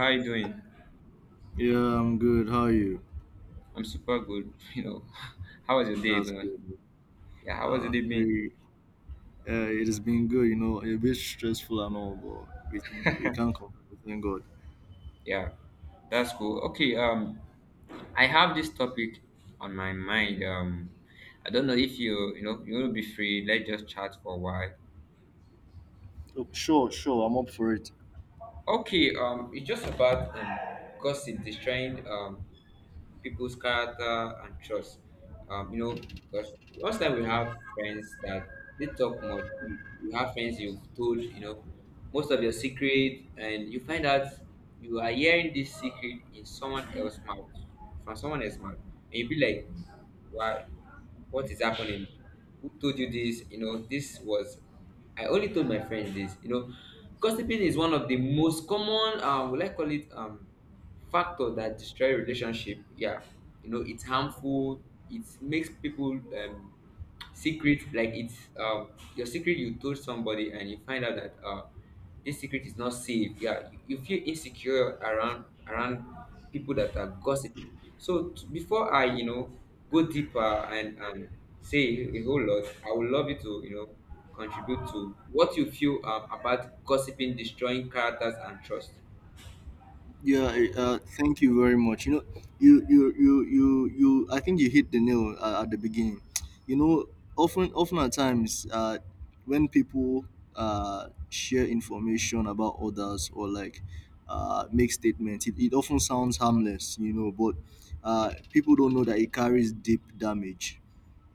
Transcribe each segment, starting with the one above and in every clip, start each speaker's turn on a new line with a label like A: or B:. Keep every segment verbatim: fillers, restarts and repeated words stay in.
A: How are you doing?
B: Yeah, I'm good. How are you?
A: I'm super good. You know, how was your day
B: That's good.
A: going? Yeah, how was your
B: Uh,
A: day been?
B: we, uh, it has been good, you know, a bit stressful and all, but we, we can't complain. Thank God.
A: Yeah, that's cool. Okay, um, I have this topic on my mind. Um, I don't know if you, you know, you will be free. Let's just chat for a while.
B: Oh, sure, sure. I'm up for it.
A: Okay, um, it's just about um, gossip destroying um people's character and trust. Um, you know, because most time we have friends that they talk much. You, you have friends you've told, you know, most of your secret, and you find out you are hearing this secret in someone else's mouth, from someone else's mouth, and you be like, why? What is happening? Who told you this? you know this was, I only told my friend this. you know gossiping is one of the most common uh, will I call it um factor that destroy relationship. Yeah, you know it's harmful. It makes people um secret, like it's uh, your secret you told somebody and you find out that uh, this secret is not safe. Yeah, you, you feel insecure around around people that are gossiping. So t- before i you know go deeper and and say a whole lot. I would love you to, you know contribute to what you feel um, about gossiping destroying characters and trust.
B: Yeah, I- uh, thank you very much. You know, you, you, you, you, you. I think you hit the nail uh, at the beginning. You know, often, often at times, uh, when people uh, share information about others, or like uh, make statements. It, it often sounds harmless. You know, but uh, people don't know that it carries deep damage.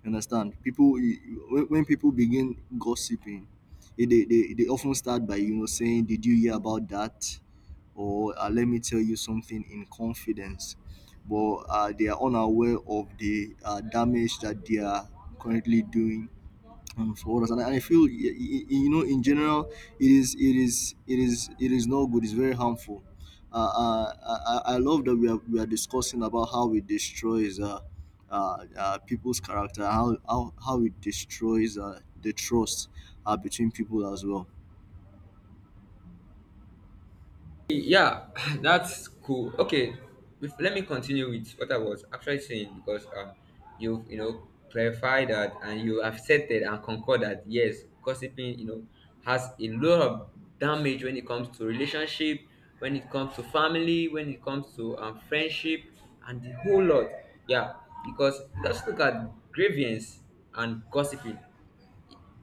B: You understand? People, you- you- when, when people begin gossiping, eh, they, they, they often start by you know saying, "Did you hear about that?" Or uh, let me tell you something in confidence. But uh, they are unaware of the uh, damage that they are currently doing um, for others. And I, I feel, y- y- you know, in general, it is it is it is it is not good. It's very harmful. Uh, uh, I, I I love that we are we are discussing about how it destroys. Uh, uh, uh, people's character, how, how how it destroys uh, the trust uh, between people as well.
A: Yeah, that's cool. Okay, bef- let me continue with what I was actually saying, because um, you've, you know clarified that, and you accepted and concurred that yes, gossiping, you know has a lot of damage when it comes to relationship, when it comes to family, when it comes to um, friendship, and the whole lot. Yeah, because let's look at grievance and gossiping.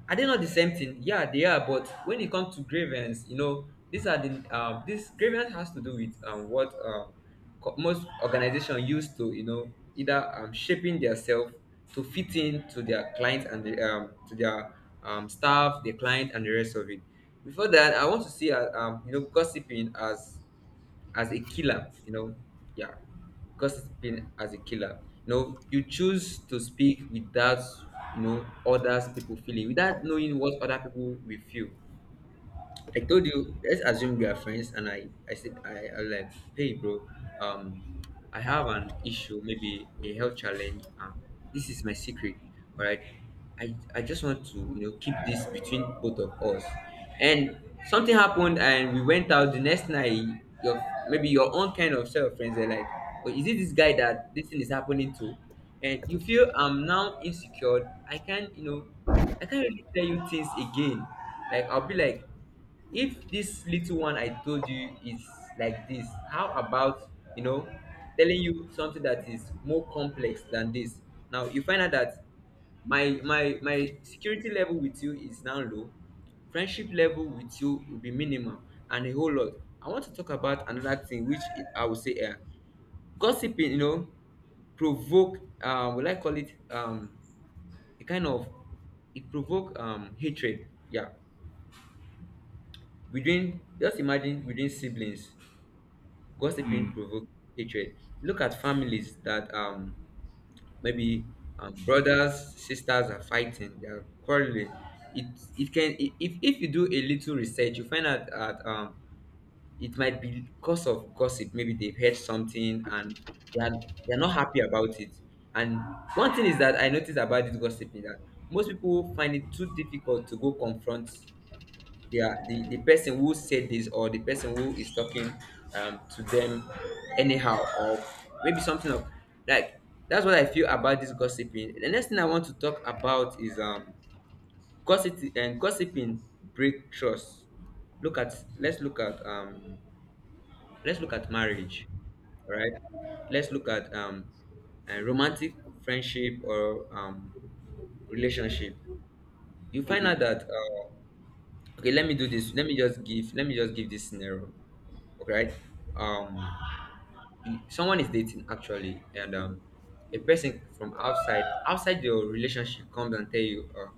A: Are they not the same thing? Yeah, they are. But when it comes to grievance, you know, these are the um, this grievance has to do with um, what um, co- most organizations used to, you know, either um, shaping themselves to fit in to their clients and the, um, to their um, staff, the client, and the rest of it. Before that, I want to see uh, um, you know, gossiping as as a killer. You know, yeah, gossiping as a killer. You know, you choose to speak without, you know, others people feeling, without knowing what other people will feel. I told you, let's assume we are friends, and I, I said, I, I was like, hey, bro, um, I have an issue, maybe a health challenge. Um, this is my secret, all right. I, I just want to, you know, keep this between both of us. And something happened, and we went out the next night. Your, maybe your own kind of set of friends are like, oh, is it this guy that this thing is happening to? And you feel I'm now insecure. I can't, you know, I can't really tell you things again. Like, I'll be like, if this little one I told you is like this, how about, you know, telling you something that is more complex than this? Now you find out that my my my security level with you is now low, friendship level with you will be minimal, and a whole lot. I want to talk about another thing, which I would say, uh, gossiping, you know, provoke, uh will I call it um a kind of, it provoke um hatred. Yeah. Between, just imagine between siblings, gossiping
B: Mm.
A: provoke hatred. Look at families that um maybe um, brothers, sisters are fighting, they are quarreling. It it can, i- if if you do a little research, you find out that um it might be because of gossip. Maybe they've heard something and they are they're not happy about it. And one thing is that I noticed about this gossiping, that most people find it too difficult to go confront, yeah, the, the person who said this, or the person who is talking um, to them anyhow, or maybe something of like. That's what I feel about this gossiping. The next thing I want to talk about is um gossip and gossiping break trust. Look at, let's look at um let's look at marriage, right? Right, let's look at um a romantic friendship or um relationship. You find
B: Okay.
A: out that uh, okay, let me do this. let me just give let me just give this scenario. Okay, right? um someone is dating, actually, and um a person from outside, outside your relationship, comes and tell you uh,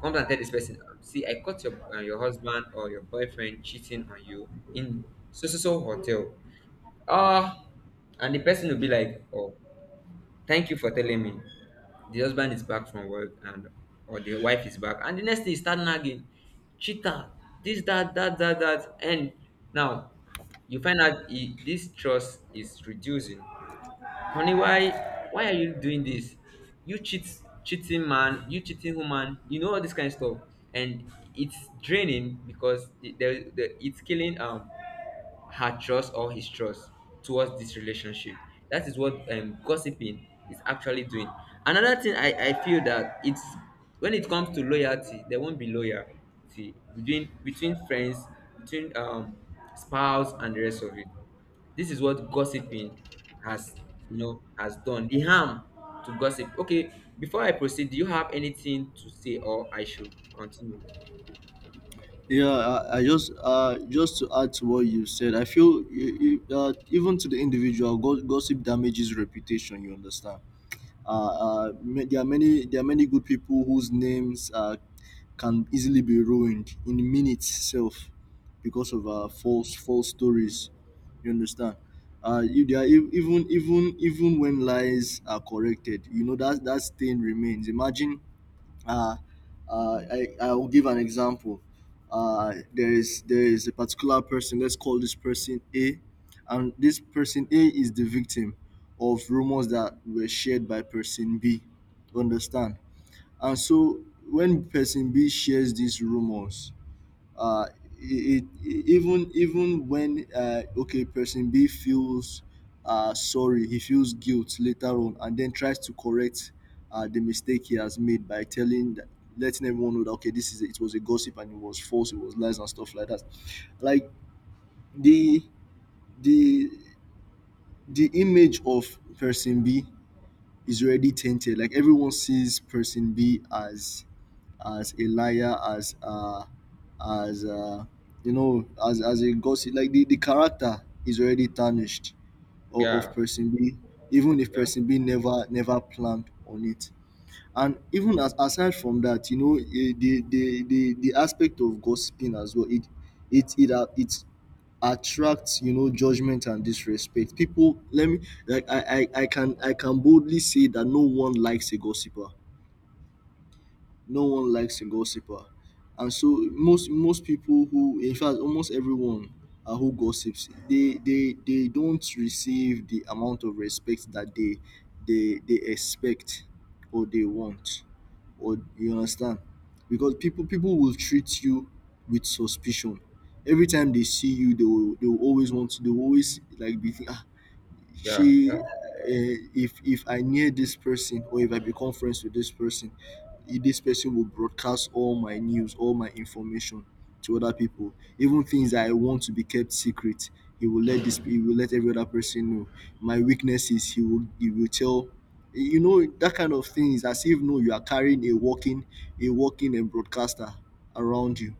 A: comes and tell this person, um, see, I caught your, uh, your husband or your boyfriend cheating on you in so so so hotel. uh and the person will be like, oh, thank you for telling me. The husband is back from work, and or the wife is back. And the next thing, you start nagging. Cheater, this, that, that, that, that. And now you find out, he, this trust is reducing. Honey, why why are you doing this? You cheat, cheating man, you cheating woman, you know, all this kind of stuff. And it's draining, because the, the, the, it's killing um her trust or his trust towards this relationship. That is what, um, gossiping is actually doing. Another thing I, I feel that it's, when it comes to loyalty, there won't be loyalty between between friends, between um, spouse and the rest of it. This is what gossiping has, you know, has done the harm to gossip. Okay, before I proceed, do you have anything to say, or I should continue?
B: Yeah, I, I just uh just to add to what you said. I feel you, you, uh, even to the individual, go- gossip damages reputation. You understand? Uh, uh, ma- there are many there are many good people whose names uh, can easily be ruined in minutes itself, because of uh, false false stories. You understand? Uh, if they are ev- even even even when lies are corrected, you know that that stain remains. Imagine uh, uh, I, I will give an example. Uh, there is there is a particular person. Let's call this person A, and this person A is the victim of rumors that were shared by person B. Understand? And so when person B shares these rumors, uh, it, it, even even when uh, okay, person B feels, uh, sorry, he feels guilt later on, and then tries to correct uh, the mistake he has made by telling that letting everyone know that okay, this is it was a gossip, and it was false, it was lies and stuff like that. Like the the the image of person B is already tainted. Like everyone sees person B as as a liar, as uh, as uh, you know, as as a gossip. Like the, the character is already tarnished, of, of
A: Yeah,
B: person B, even if
A: yeah,
B: person B never never planned on it. And even as aside from that, you know, eh, the the the, the aspect of gossiping as well. It it it a- it attracts you know judgment and disrespect. People, let me like I, I i can i can boldly say that no one likes a gossiper. No one likes a gossiper. And so most most people who in fact, almost everyone uh, who gossips, they they they don't receive the amount of respect that they they they expect, or they want, or you understand? Because people people will treat you with suspicion. Every time they see you, they will they will always want to they will always like be thinking, ah,
A: yeah, yeah,
B: she uh, if if I near this person, or if I become friends with this person, i- this person will broadcast all my news, all my information, to other people, even things that I want to be kept secret. He will let this he will let every other person know my weaknesses. He will he will tell. Eh, you know, that kind of thing. Is as if, no, you are carrying a walking, a walking and broadcaster around you.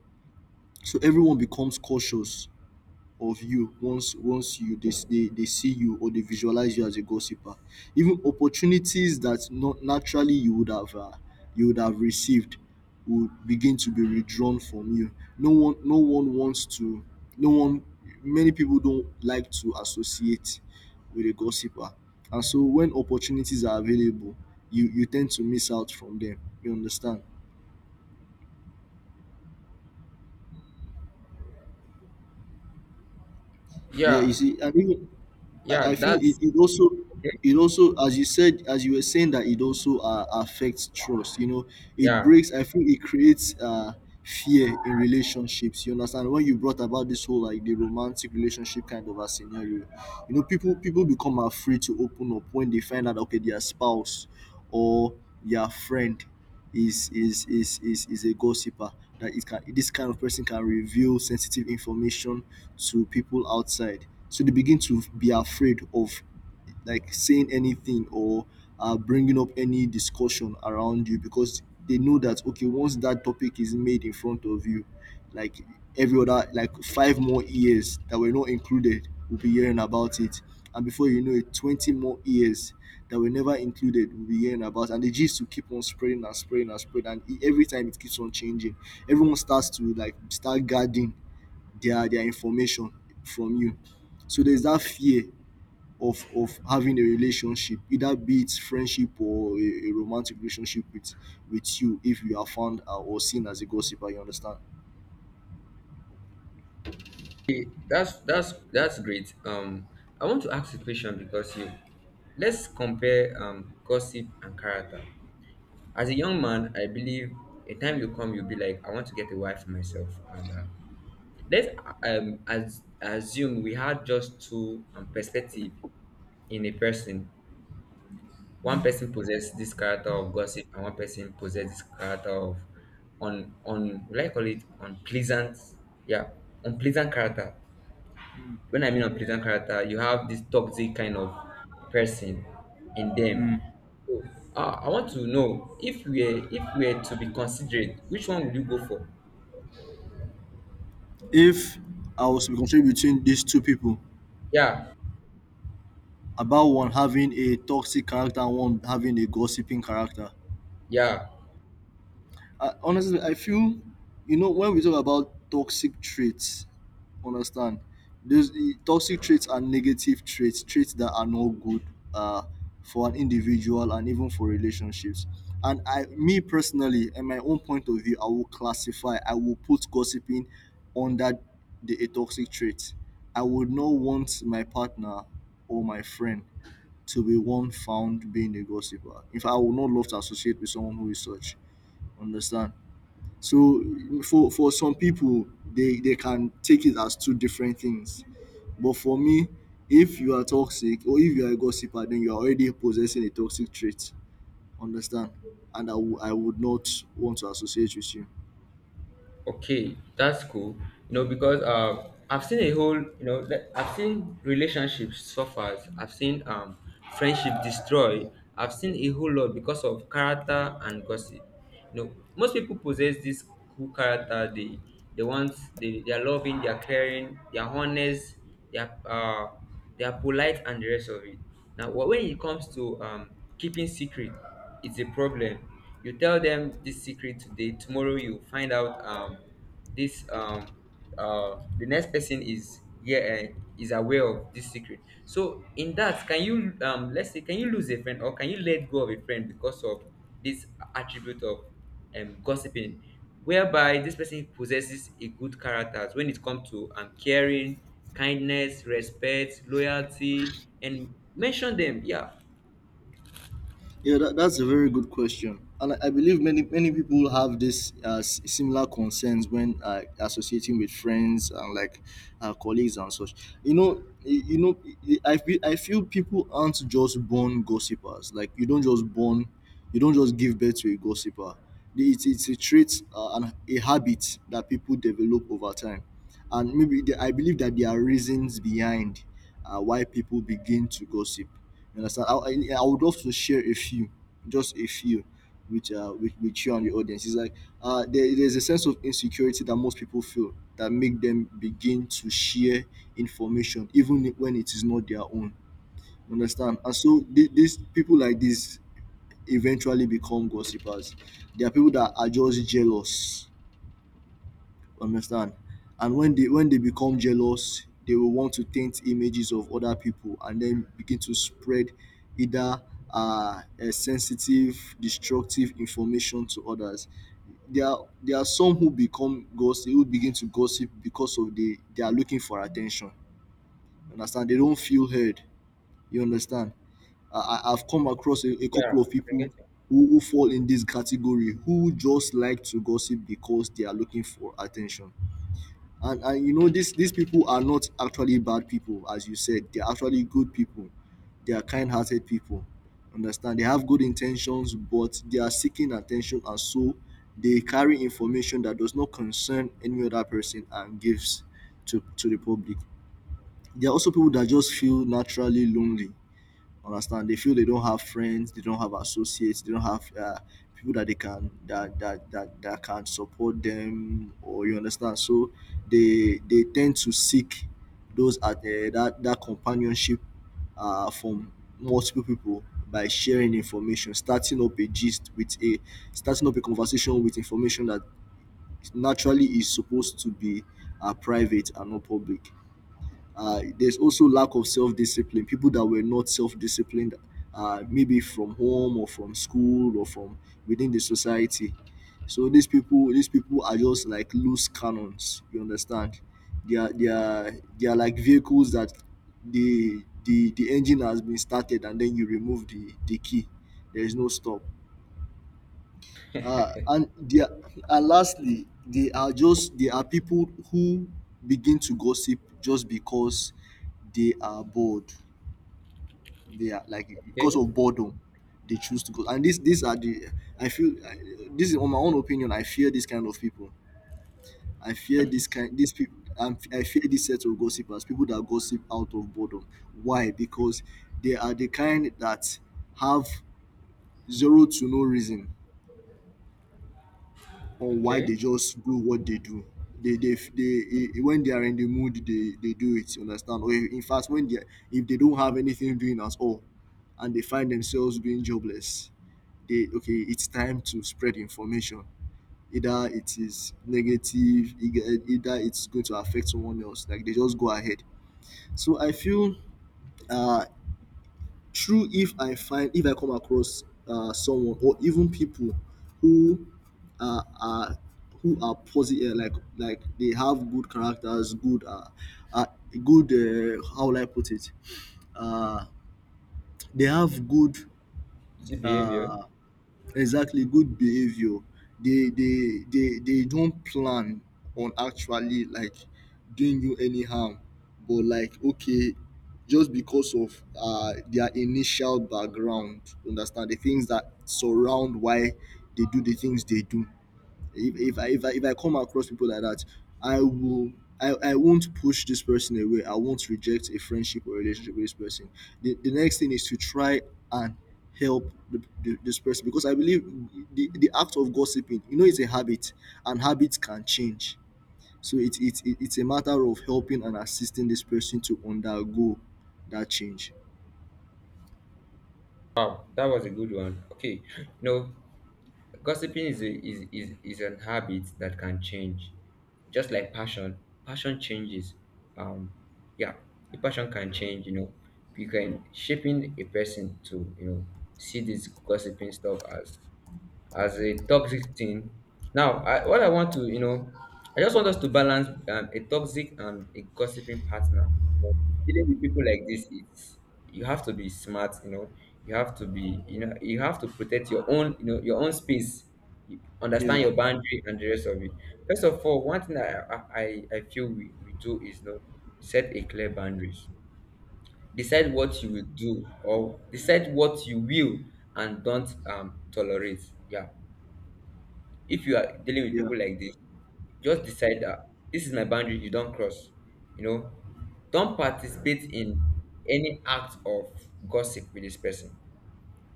B: So everyone becomes cautious of you once once you they, they, they see you, or they visualize you as a gossiper. Even opportunities that not naturally you would have, uh, you would have received, would begin to be withdrawn from you. No one no one wants to no one Many people don't like to associate with a gossiper, and so when opportunities are available, you you tend to miss out from them. You understand? Yeah, you
A: yeah.
B: see. And even I I
A: yeah,
B: feel it,
A: That's
B: it also
A: okay.
B: it also as you said as you were saying, that it also uh, affects trust. You know it
A: Yeah,
B: breaks. I feel it creates uh, fear in relationships. You understand? When you brought about this whole, like, the romantic relationship kind of a scenario, you know, people people become afraid to open up when they find out okay, their spouse or their friend is is is is is a gossiper. That it can This kind of person can reveal sensitive information to people outside, so they begin to be afraid of, like, saying anything, or uh, bringing up any discussion around you, because they know that, okay, once that topic is made in front of you, like every other, like, five more ears that were not included will be hearing about it. And before you know it, twenty more years that were never included will be hearing about. And the gist will keep on spreading, and spreading, and spreading. And e- every time it keeps on changing, everyone starts to, like, start guarding their their information from you. So there's that fear of of having a relationship, either be it friendship, or a, a romantic relationship with with you, if you are found out or seen as a gossiper. You understand?
A: that's that's that's great. Um, I want to ask a question, because you, let's compare um gossip and character. As a young man, I believe a time will come you'll be like, I want to get a wife for myself. And um, let's um as assume we had just two um, perspective in a person. One person possesses this character of gossip, and one person possesses this character of, on on will I call it unpleasant? Yeah, unpleasant character. When I mean unpleasant character, you have this toxic kind of person in them. So, uh, I want to know, if we're if we're to be considerate, which one would you go for?
B: If I was to be constrained between these two people,
A: Yeah,
B: about one having a toxic character and one having a gossiping character.
A: yeah.
B: I honestly I feel, you know, when we talk about toxic traits, understand, those the toxic traits are negative traits, traits that are not good uh, for an individual, and even for relationships. And I, me personally, in my own point of view, I will classify, I will put gossiping under the a toxic trait. I would not want my partner or my friend to be one found being a gossiper. In fact, I would not love to associate with someone who is such. Understand? So for for some people, they they can take it as two different things. But for me, if you are toxic or if you are a gossiper, then you are already possessing a toxic trait. Understand? And I w- I would not want to associate with you.
A: Okay, that's cool. You know, because uh, I've seen a whole, you know, that- I've seen relationships suffer. I've seen um, friendship destroy. I've seen a whole lot because of character and gossip. You know, most people possess this cool character. They, they want, they, they are loving, they are caring, they are honest, they are, uh, they are polite, and the rest of it. Now, wh- when it comes to um, keeping secret, it's a problem. You tell them this secret today, tomorrow you find out um, this um, uh, the next person is, yeah, eh, is aware of this secret. So in that, can you, um, let's say, can you lose a friend, or can you let go of a friend, because of this attribute of um, gossiping, whereby this person possesses a good character when it comes to um, caring, kindness, respect, loyalty, and mention them. Yeah.
B: Yeah, that, that's a very good question. And I, I believe many many people have this uh, s- similar concerns when uh, associating with friends, and like uh, colleagues and such. You know, you, you know, I I feel I feel people aren't just born gossipers. Like you don't just born, you don't just give birth to a gossiper. It's it's a trait uh, and a habit that people develop over time. And maybe the, I believe that there are reasons behind uh, why people begin to gossip. You understand? I, I, I would love to share a few, just a few, with uh, with, with you and the audience. It's like uh, there, there's a sense of insecurity that most people feel that make them begin to share information even when it is not their own. You understand? And so th- these people, like this, eventually become gossipers. There are people that are just jealous, understand? And when they when they become jealous, they will want to taint images of other people and then begin to spread either uh, uh, sensitive destructive information to others. There are there are some who become gossip, who begin to gossip because of the they are looking for attention. You understand? They don't feel heard. You understand? I, I- I've come across a, a
A: Yeah,
B: couple of
A: I can
B: people
A: get
B: who, who fall in this category, who just like to gossip because they are looking for attention. and and you know, these these people are not actually bad people. As you said, they're actually good people. They are kind-hearted people. Understand? They have good intentions, but they are seeking attention. And so they carry information that does not concern any other person, and gives to to the public. There are also people that just feel naturally lonely. Understand? They feel they don't have friends, they don't have associates, they don't have uh, people that they can, that, that that that can support them, or you understand. So they they tend to seek those at uh, that that companionship uh, from multiple people by sharing information, starting up a gist with a starting up a conversation with information that naturally is supposed to be uh, private and not public. Uh, there's also lack of self-discipline. People that were not self-disciplined, uh, maybe from home or from school or from within the society. So these people, these people are just like loose cannons. You understand? They are, they are, they are like vehicles that the the the engine has been started and then you remove the the key. There is no stop. Uh, and there, and lastly, they are just they are people who begin to gossip just because they are bored. They are like because
A: you.
B: of boredom, they choose to go. And this these are the I feel I, this is on my own opinion. I fear this kind of people. I fear this kind these people. I'm, I fear this set of gossipers, people that gossip out of boredom. Why? Because they are the kind that have zero to no reason
A: Okay,
B: on why they
A: okay.
B: just do what they do. They, they, they, eh, when they are in the mood, they, they do it. You understand? Or in fact, when they, are- if they don't have anything doing at all, and they find themselves being jobless, they okay, it's time to spread information. Either it is negative, either either it's going to affect someone else. Like they just go ahead. So I feel uh, true if i find if I come across uh, someone or even people who uh, are who are positive like like they have good characters good uh, uh good uh, how will I put it uh they have good
A: Is it behavior?
B: uh Exactly, good behavior. They they they they don't plan on actually like doing you any harm, but like okay, just because of uh their initial background, understand the things that surround why they do the things they do. If if I if I, if I come across people like that, I will I, I won't push this person away. I won't reject a friendship or relationship with this person. The, the next thing is to try and help the, the, this person because I believe the, the act of gossiping, you know, it's a habit and habits can change. So it, it, it, it's a matter of helping and assisting this person to undergo that change.
A: Wow, that was a good one. Okay, you know, gossiping is, a, is, is, is an habit that can change. Just like passion, passion changes. Um, yeah, the passion can change, you know. You can shaping a person to, you know, see this gossiping stuff as as a toxic thing. Now, I, what I want to, you know, I just want us to balance um, a toxic and a gossiping partner. You know, dealing with people like this, it's, you have to be smart. You know, you have to be, you know, you have to protect your own, you know, your own space. You understand
B: Yeah,
A: your boundary and the rest of it. First of all, one thing I I, I I feel we, we do is, you know, set a clear boundaries. Decide what you will do, or decide what you will and don't um tolerate. Yeah, if you are dealing with
B: yeah,
A: people like this, just decide that this is my boundary, you don't cross. You know, don't participate in any act of gossip with this person.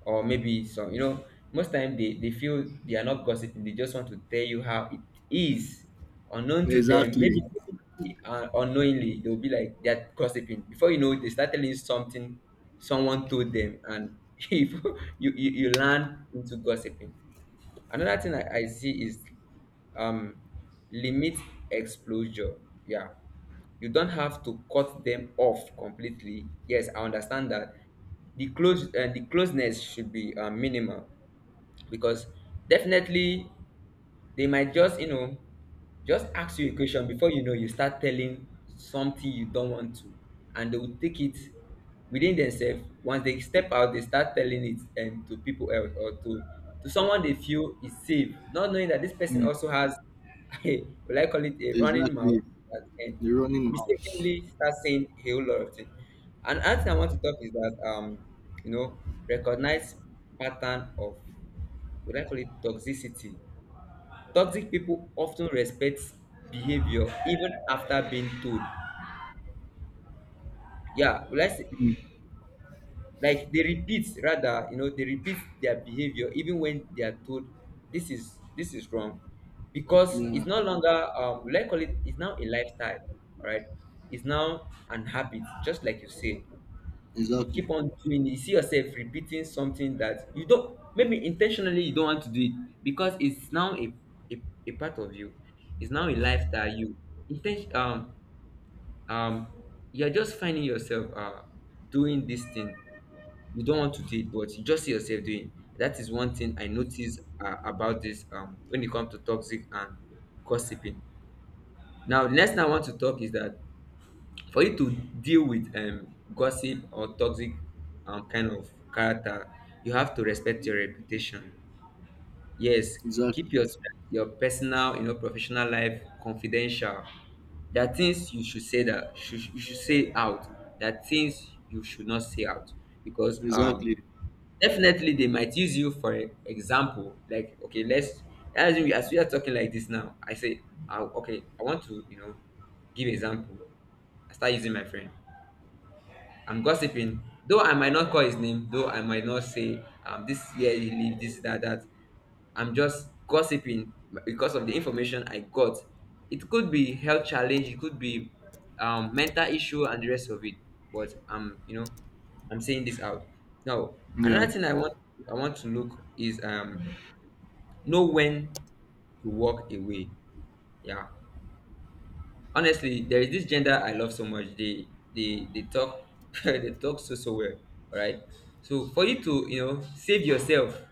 A: Or maybe some, you know, most time they, they feel they are not gossiping, they just want to tell you how it is, unknown to them.
B: exactly.
A: Maybe uh, unknowingly they'll be like they're gossiping. Before you know it, they start telling you something someone told them, and if you, you you learn into gossiping. Another thing I, I see is um limit exposure, yeah, you don't have to cut them off completely. Yes, I understand that. The close, uh, the closeness should be uh, minimal, because definitely they might just, you know just ask you a question before you know you start telling something you don't want to, and they will take it within themselves. Once they step out they start telling it, and to people else or to to someone they feel is safe, not knowing that this person
B: Mm,
A: also has a, will I call it, a running mouth
B: exactly.
A: that can
B: The running mouth.
A: mistakenly start saying a whole lot of things. And another thing I want to talk is that, um you know recognize pattern of what I call it toxicity. Toxic people often respect behavior even after being told. Yeah, let's say,
B: Mm,
A: like they repeat, rather, you know, they repeat their behavior even when they are told this is this is wrong, because
B: yeah,
A: it's no longer, um, let's call it, it's now a lifestyle. All right, it's now an habit, just like you said. You
B: exactly.
A: keep on doing it. You see yourself repeating something that you don't, maybe intentionally you don't want to do it, because it's now a a, a part of you. It's now a life that you intention, um um you're just finding yourself uh doing this thing. You don't want to do it, but you just see yourself doing. It. That is one thing I notice, uh, about this, um when it comes to toxic and gossiping. Now, next thing I want to talk is that, for you to deal with, um gossip or toxic, um kind of character, you have to respect your reputation. Yes,
B: Exactly.
A: keep your your personal, you know, professional life confidential. There are things you should say, that should, you should say out. There are things you should not say out, because, um
B: Exactly.
A: definitely they might use you for e- example. Like, okay, let's, as we, as we are talking like this now, i say I, okay, I want to, you know, give example. I start using my friend. I'm gossiping. Though I might not call his name, though I might not say, um this year he leave this that that. I'm just gossiping because of the information I got. It could be health challenge, it could be, um, mental issue and the rest of it. But, um, you know, I'm saying this out. Now,
B: Yeah.
A: another thing I want I want to look is, um know when to walk away. Yeah, honestly there is this gender I love so much. They they they talk they talk so so well. All right, so for you to, you know, save yourself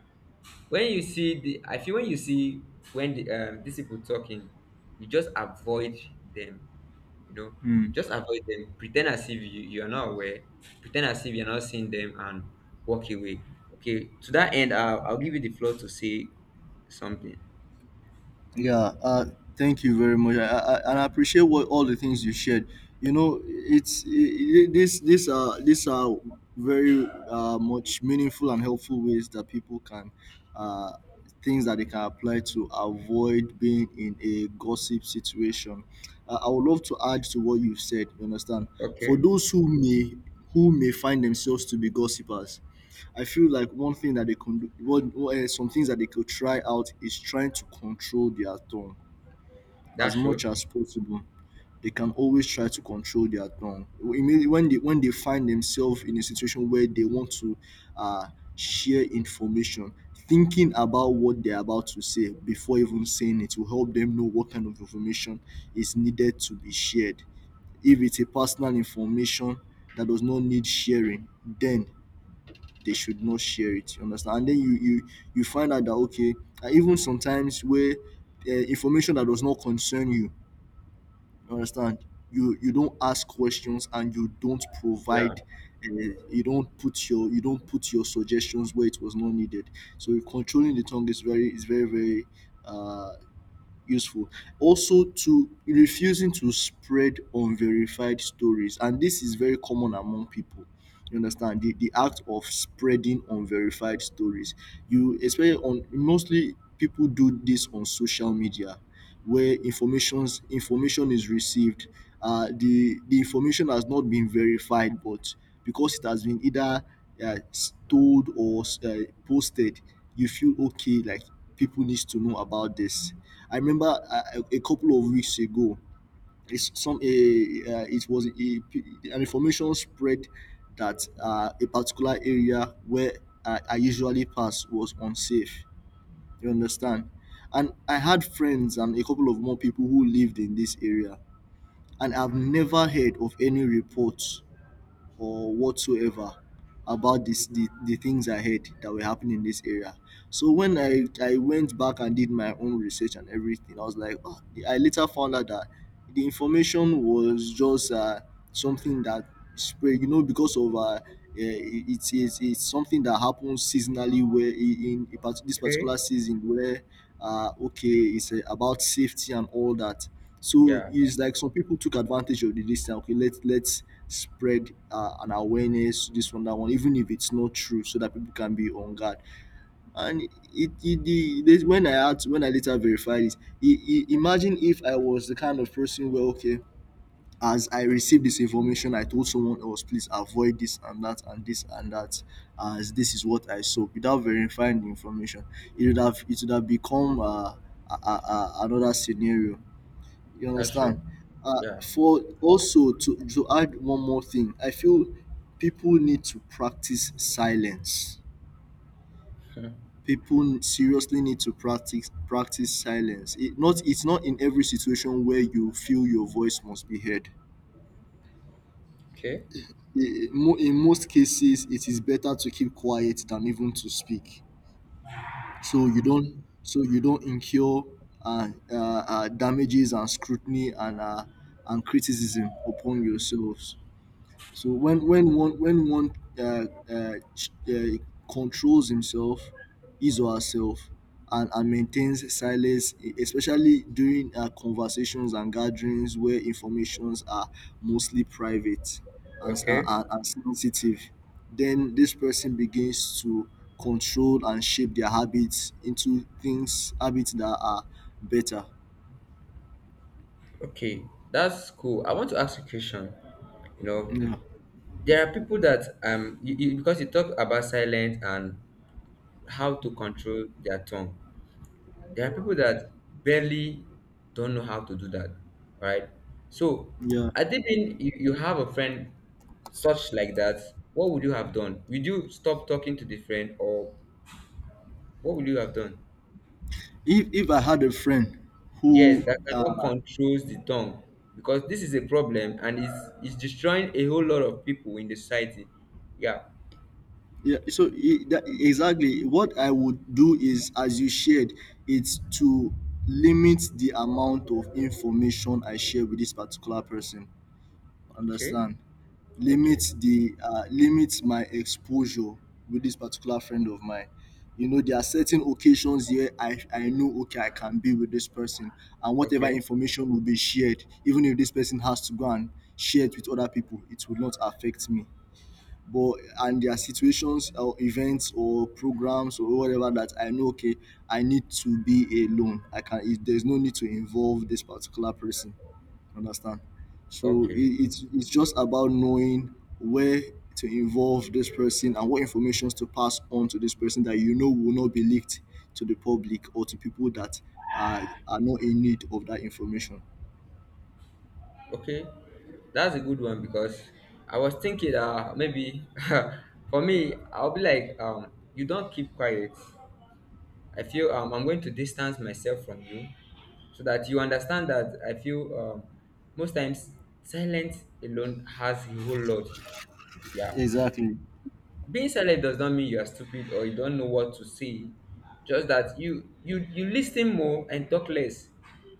A: when you see the, I feel when you see, when the, um, these people talking, you just avoid them, you know,
B: Mm.
A: just avoid them. Pretend as if you, you are not aware, pretend as if you're not seeing them, and walk away. Okay, to that end i'll, I'll give you the floor to say something.
B: Yeah, uh, thank you very much. I, I, I- and I appreciate what all the things you shared. You know, it's I I this these are these are very uh, much meaningful and helpful ways that people can uh, things that they can apply to avoid being in a gossip situation. Uh, I would love to add to what you've said. You understand? For
A: Okay.
B: those who may who may find themselves to be gossipers, I feel like one thing that they can do, one, uh, some things that they could try out is trying to control their tongue as
A: That's
B: much
A: true.
B: as possible. They can always try to control their tongue. Immediately When they when they find themselves in a situation where they want to uh, share information, thinking about what they're about to say before even saying it will help them know what kind of information is needed to be shared. If it's a personal information that does not need sharing, then they should not share it. You understand? And then you you you find out that okay, and even sometimes where uh, information that does not concern you, you understand? You you don't ask questions and you don't
A: Yeah.
B: provide. Uh, you don't put your you don't put your suggestions where it was not needed. So controlling the tongue is very is very very uh, useful. Also, to refusing to spread unverified stories, and this is very common among people. You understand the the act of spreading unverified stories. You especially on mostly people do this on social media, where informations information is received. Uh, the the information has not been verified, but because it has been either uh, told or uh, posted, you feel okay. Like people needs to know about this. I remember uh, a a couple of weeks ago, it's some a uh, it was a, an information spread that uh, a particular area where I, I usually pass was unsafe. You understand? And I had friends and a couple of more people who lived in this area, and I've never heard of any reports or whatsoever about this the, the things I heard that were happening in this area. So when I, I went back and did my own research and everything, I was like, oh, I later found out that the information was just uh, something that spread, you know, because of uh, eh, it's, it's, it's something that happens seasonally where i- in, a part- this
A: Okay.
B: particular season where, uh, okay, it's uh, about safety and all that. So
A: Yeah,
B: it's like some people took advantage of the this thing. Okay, let's let's spread uh, an awareness this one that one, even if it's not true, so that people can be on guard. And it, it, the this, when I had when I later verified it, I I imagine if I was the kind of person where okay, as I received this information, I told someone else, please avoid this and that and this and that, as this is what I saw without verifying the information. It would have it would have become uh, a, a, a, another scenario you
A: that's true.
B: understand? Uh,
A: Yeah.
B: for also to to add one more thing, I feel people need to practice silence. People seriously need to practice practice silence. It not it's not in every situation where you feel your voice must be heard.
A: Okay,
B: I- mo- In most cases, it is better to keep quiet than even to speak. So you don't so you don't incur uh, uh, uh, damages and scrutiny and uh, and criticism upon yourselves. So when when one when one uh, uh, ch- uh, controls himself, his or herself, and, and maintains silence, e- especially during uh, conversations and gatherings where informations are mostly private and, s- and,
A: okay,
B: and and sensitive, then this person begins to control and shape their habits into things habits that are better.
A: okay. That's cool. I want to ask you a question. You know,
B: Yeah,
A: there are people that, um, you, you, because you talk about silence and how to control their tongue. There are people that barely don't know how to do that, right? So,
B: yeah.
A: I think you, you have a friend such like that. What would you have done? Would you stop talking to the friend, or what would you have done?
B: If if I had a friend who
A: Yes, that cannot
B: uh,
A: controls the tongue, because this is a problem and it's it's destroying a whole lot of people in the society. Yeah.
B: Yeah, so i- that, exactly what I would do is, as you shared, it's to limit the amount of information I share with this particular person.
A: Okay.
B: Understand?
A: Okay.
B: Limit the uh, limit my exposure with this particular friend of mine. You know, there are certain occasions here I, I know okay I can be with this person and whatever
A: Okay.
B: information will be shared, even if this person has to go and share it with other people, it will not affect me but and there are situations or events or programs or whatever that I know okay I need to be alone. I can it, there's no need to involve this particular person. Understand? So
A: Okay.
B: it, it's it's just about knowing where to involve this person and what information to pass on to this person that you know will not be leaked to the public or to people that are, are not in need of that information.
A: Okay. That's a good one, because I was thinking, uh maybe for me I'll be like, um you don't keep quiet. I feel, um I'm going to distance myself from you so that you understand that I feel, um most times silence alone has a whole lot. Yeah.
B: Exactly.
A: Being silent does not mean you are stupid or you don't know what to say, just that you you you listen more and talk less.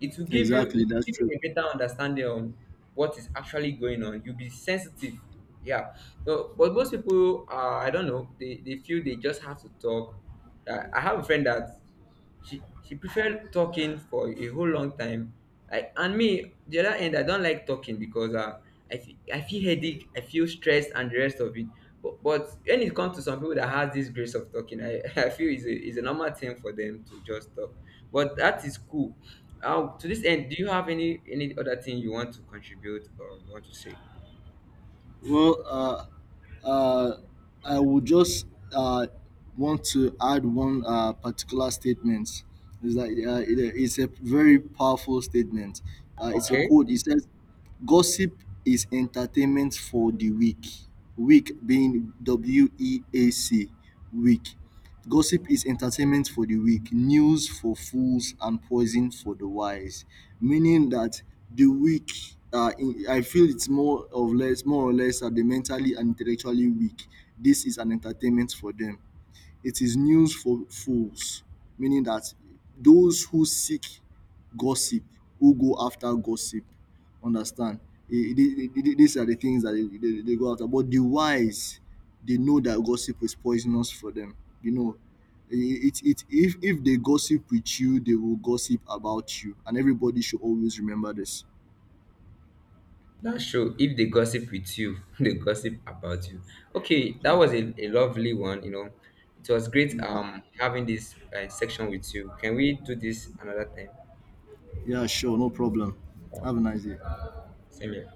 A: it will give you it
B: Exactly,
A: will
B: that's
A: give you
B: true.
A: a better understanding on what is actually going on. You'll be sensitive. Yeah. So, but most people, uh, I don't know, they, they feel they just have to talk. I, I have a friend that she she preferred talking for a whole long time. I and me the other end, I don't like talking because, uh, I feel, I feel headache, I feel stressed and the rest of it. But but when it comes to some people that has this grace of talking, I, I feel is a is a normal thing for them to just talk. But that is cool. Uh, to this end, do you have any any other thing you want to contribute or you want to say?
B: Well, uh, uh, I would just uh, want to add one uh, particular statement. It's like uh, it- it's a very powerful statement. Uh, it's a
A: Okay.
B: quote. It says, "Gossip is entertainment for the weak." Weak being W E A C, weak. Gossip is entertainment for the weak, news for fools, and poison for the wise. Meaning that the weak, uh, in, I feel it's more or less, more or less, are the mentally and intellectually weak. This is an entertainment for them. It is news for fools, meaning that those who seek gossip, who go after gossip, understand? Eh, the- the- the- These are the things that they, they, they go after. But the wise, they know that gossip is poisonous for them. You know, Eh, eh, it, it, if, if they gossip with you, they will gossip about you. And everybody should always remember this.
A: That's true. If they gossip with you, they gossip about you. Okay, that
B: So,
A: was a, a lovely one. You know, it was great,
B: yeah,
A: um having this, uh, section with you. Can we do this another time?
B: yeah, sure, no problem. Have a nice day.
A: Same here.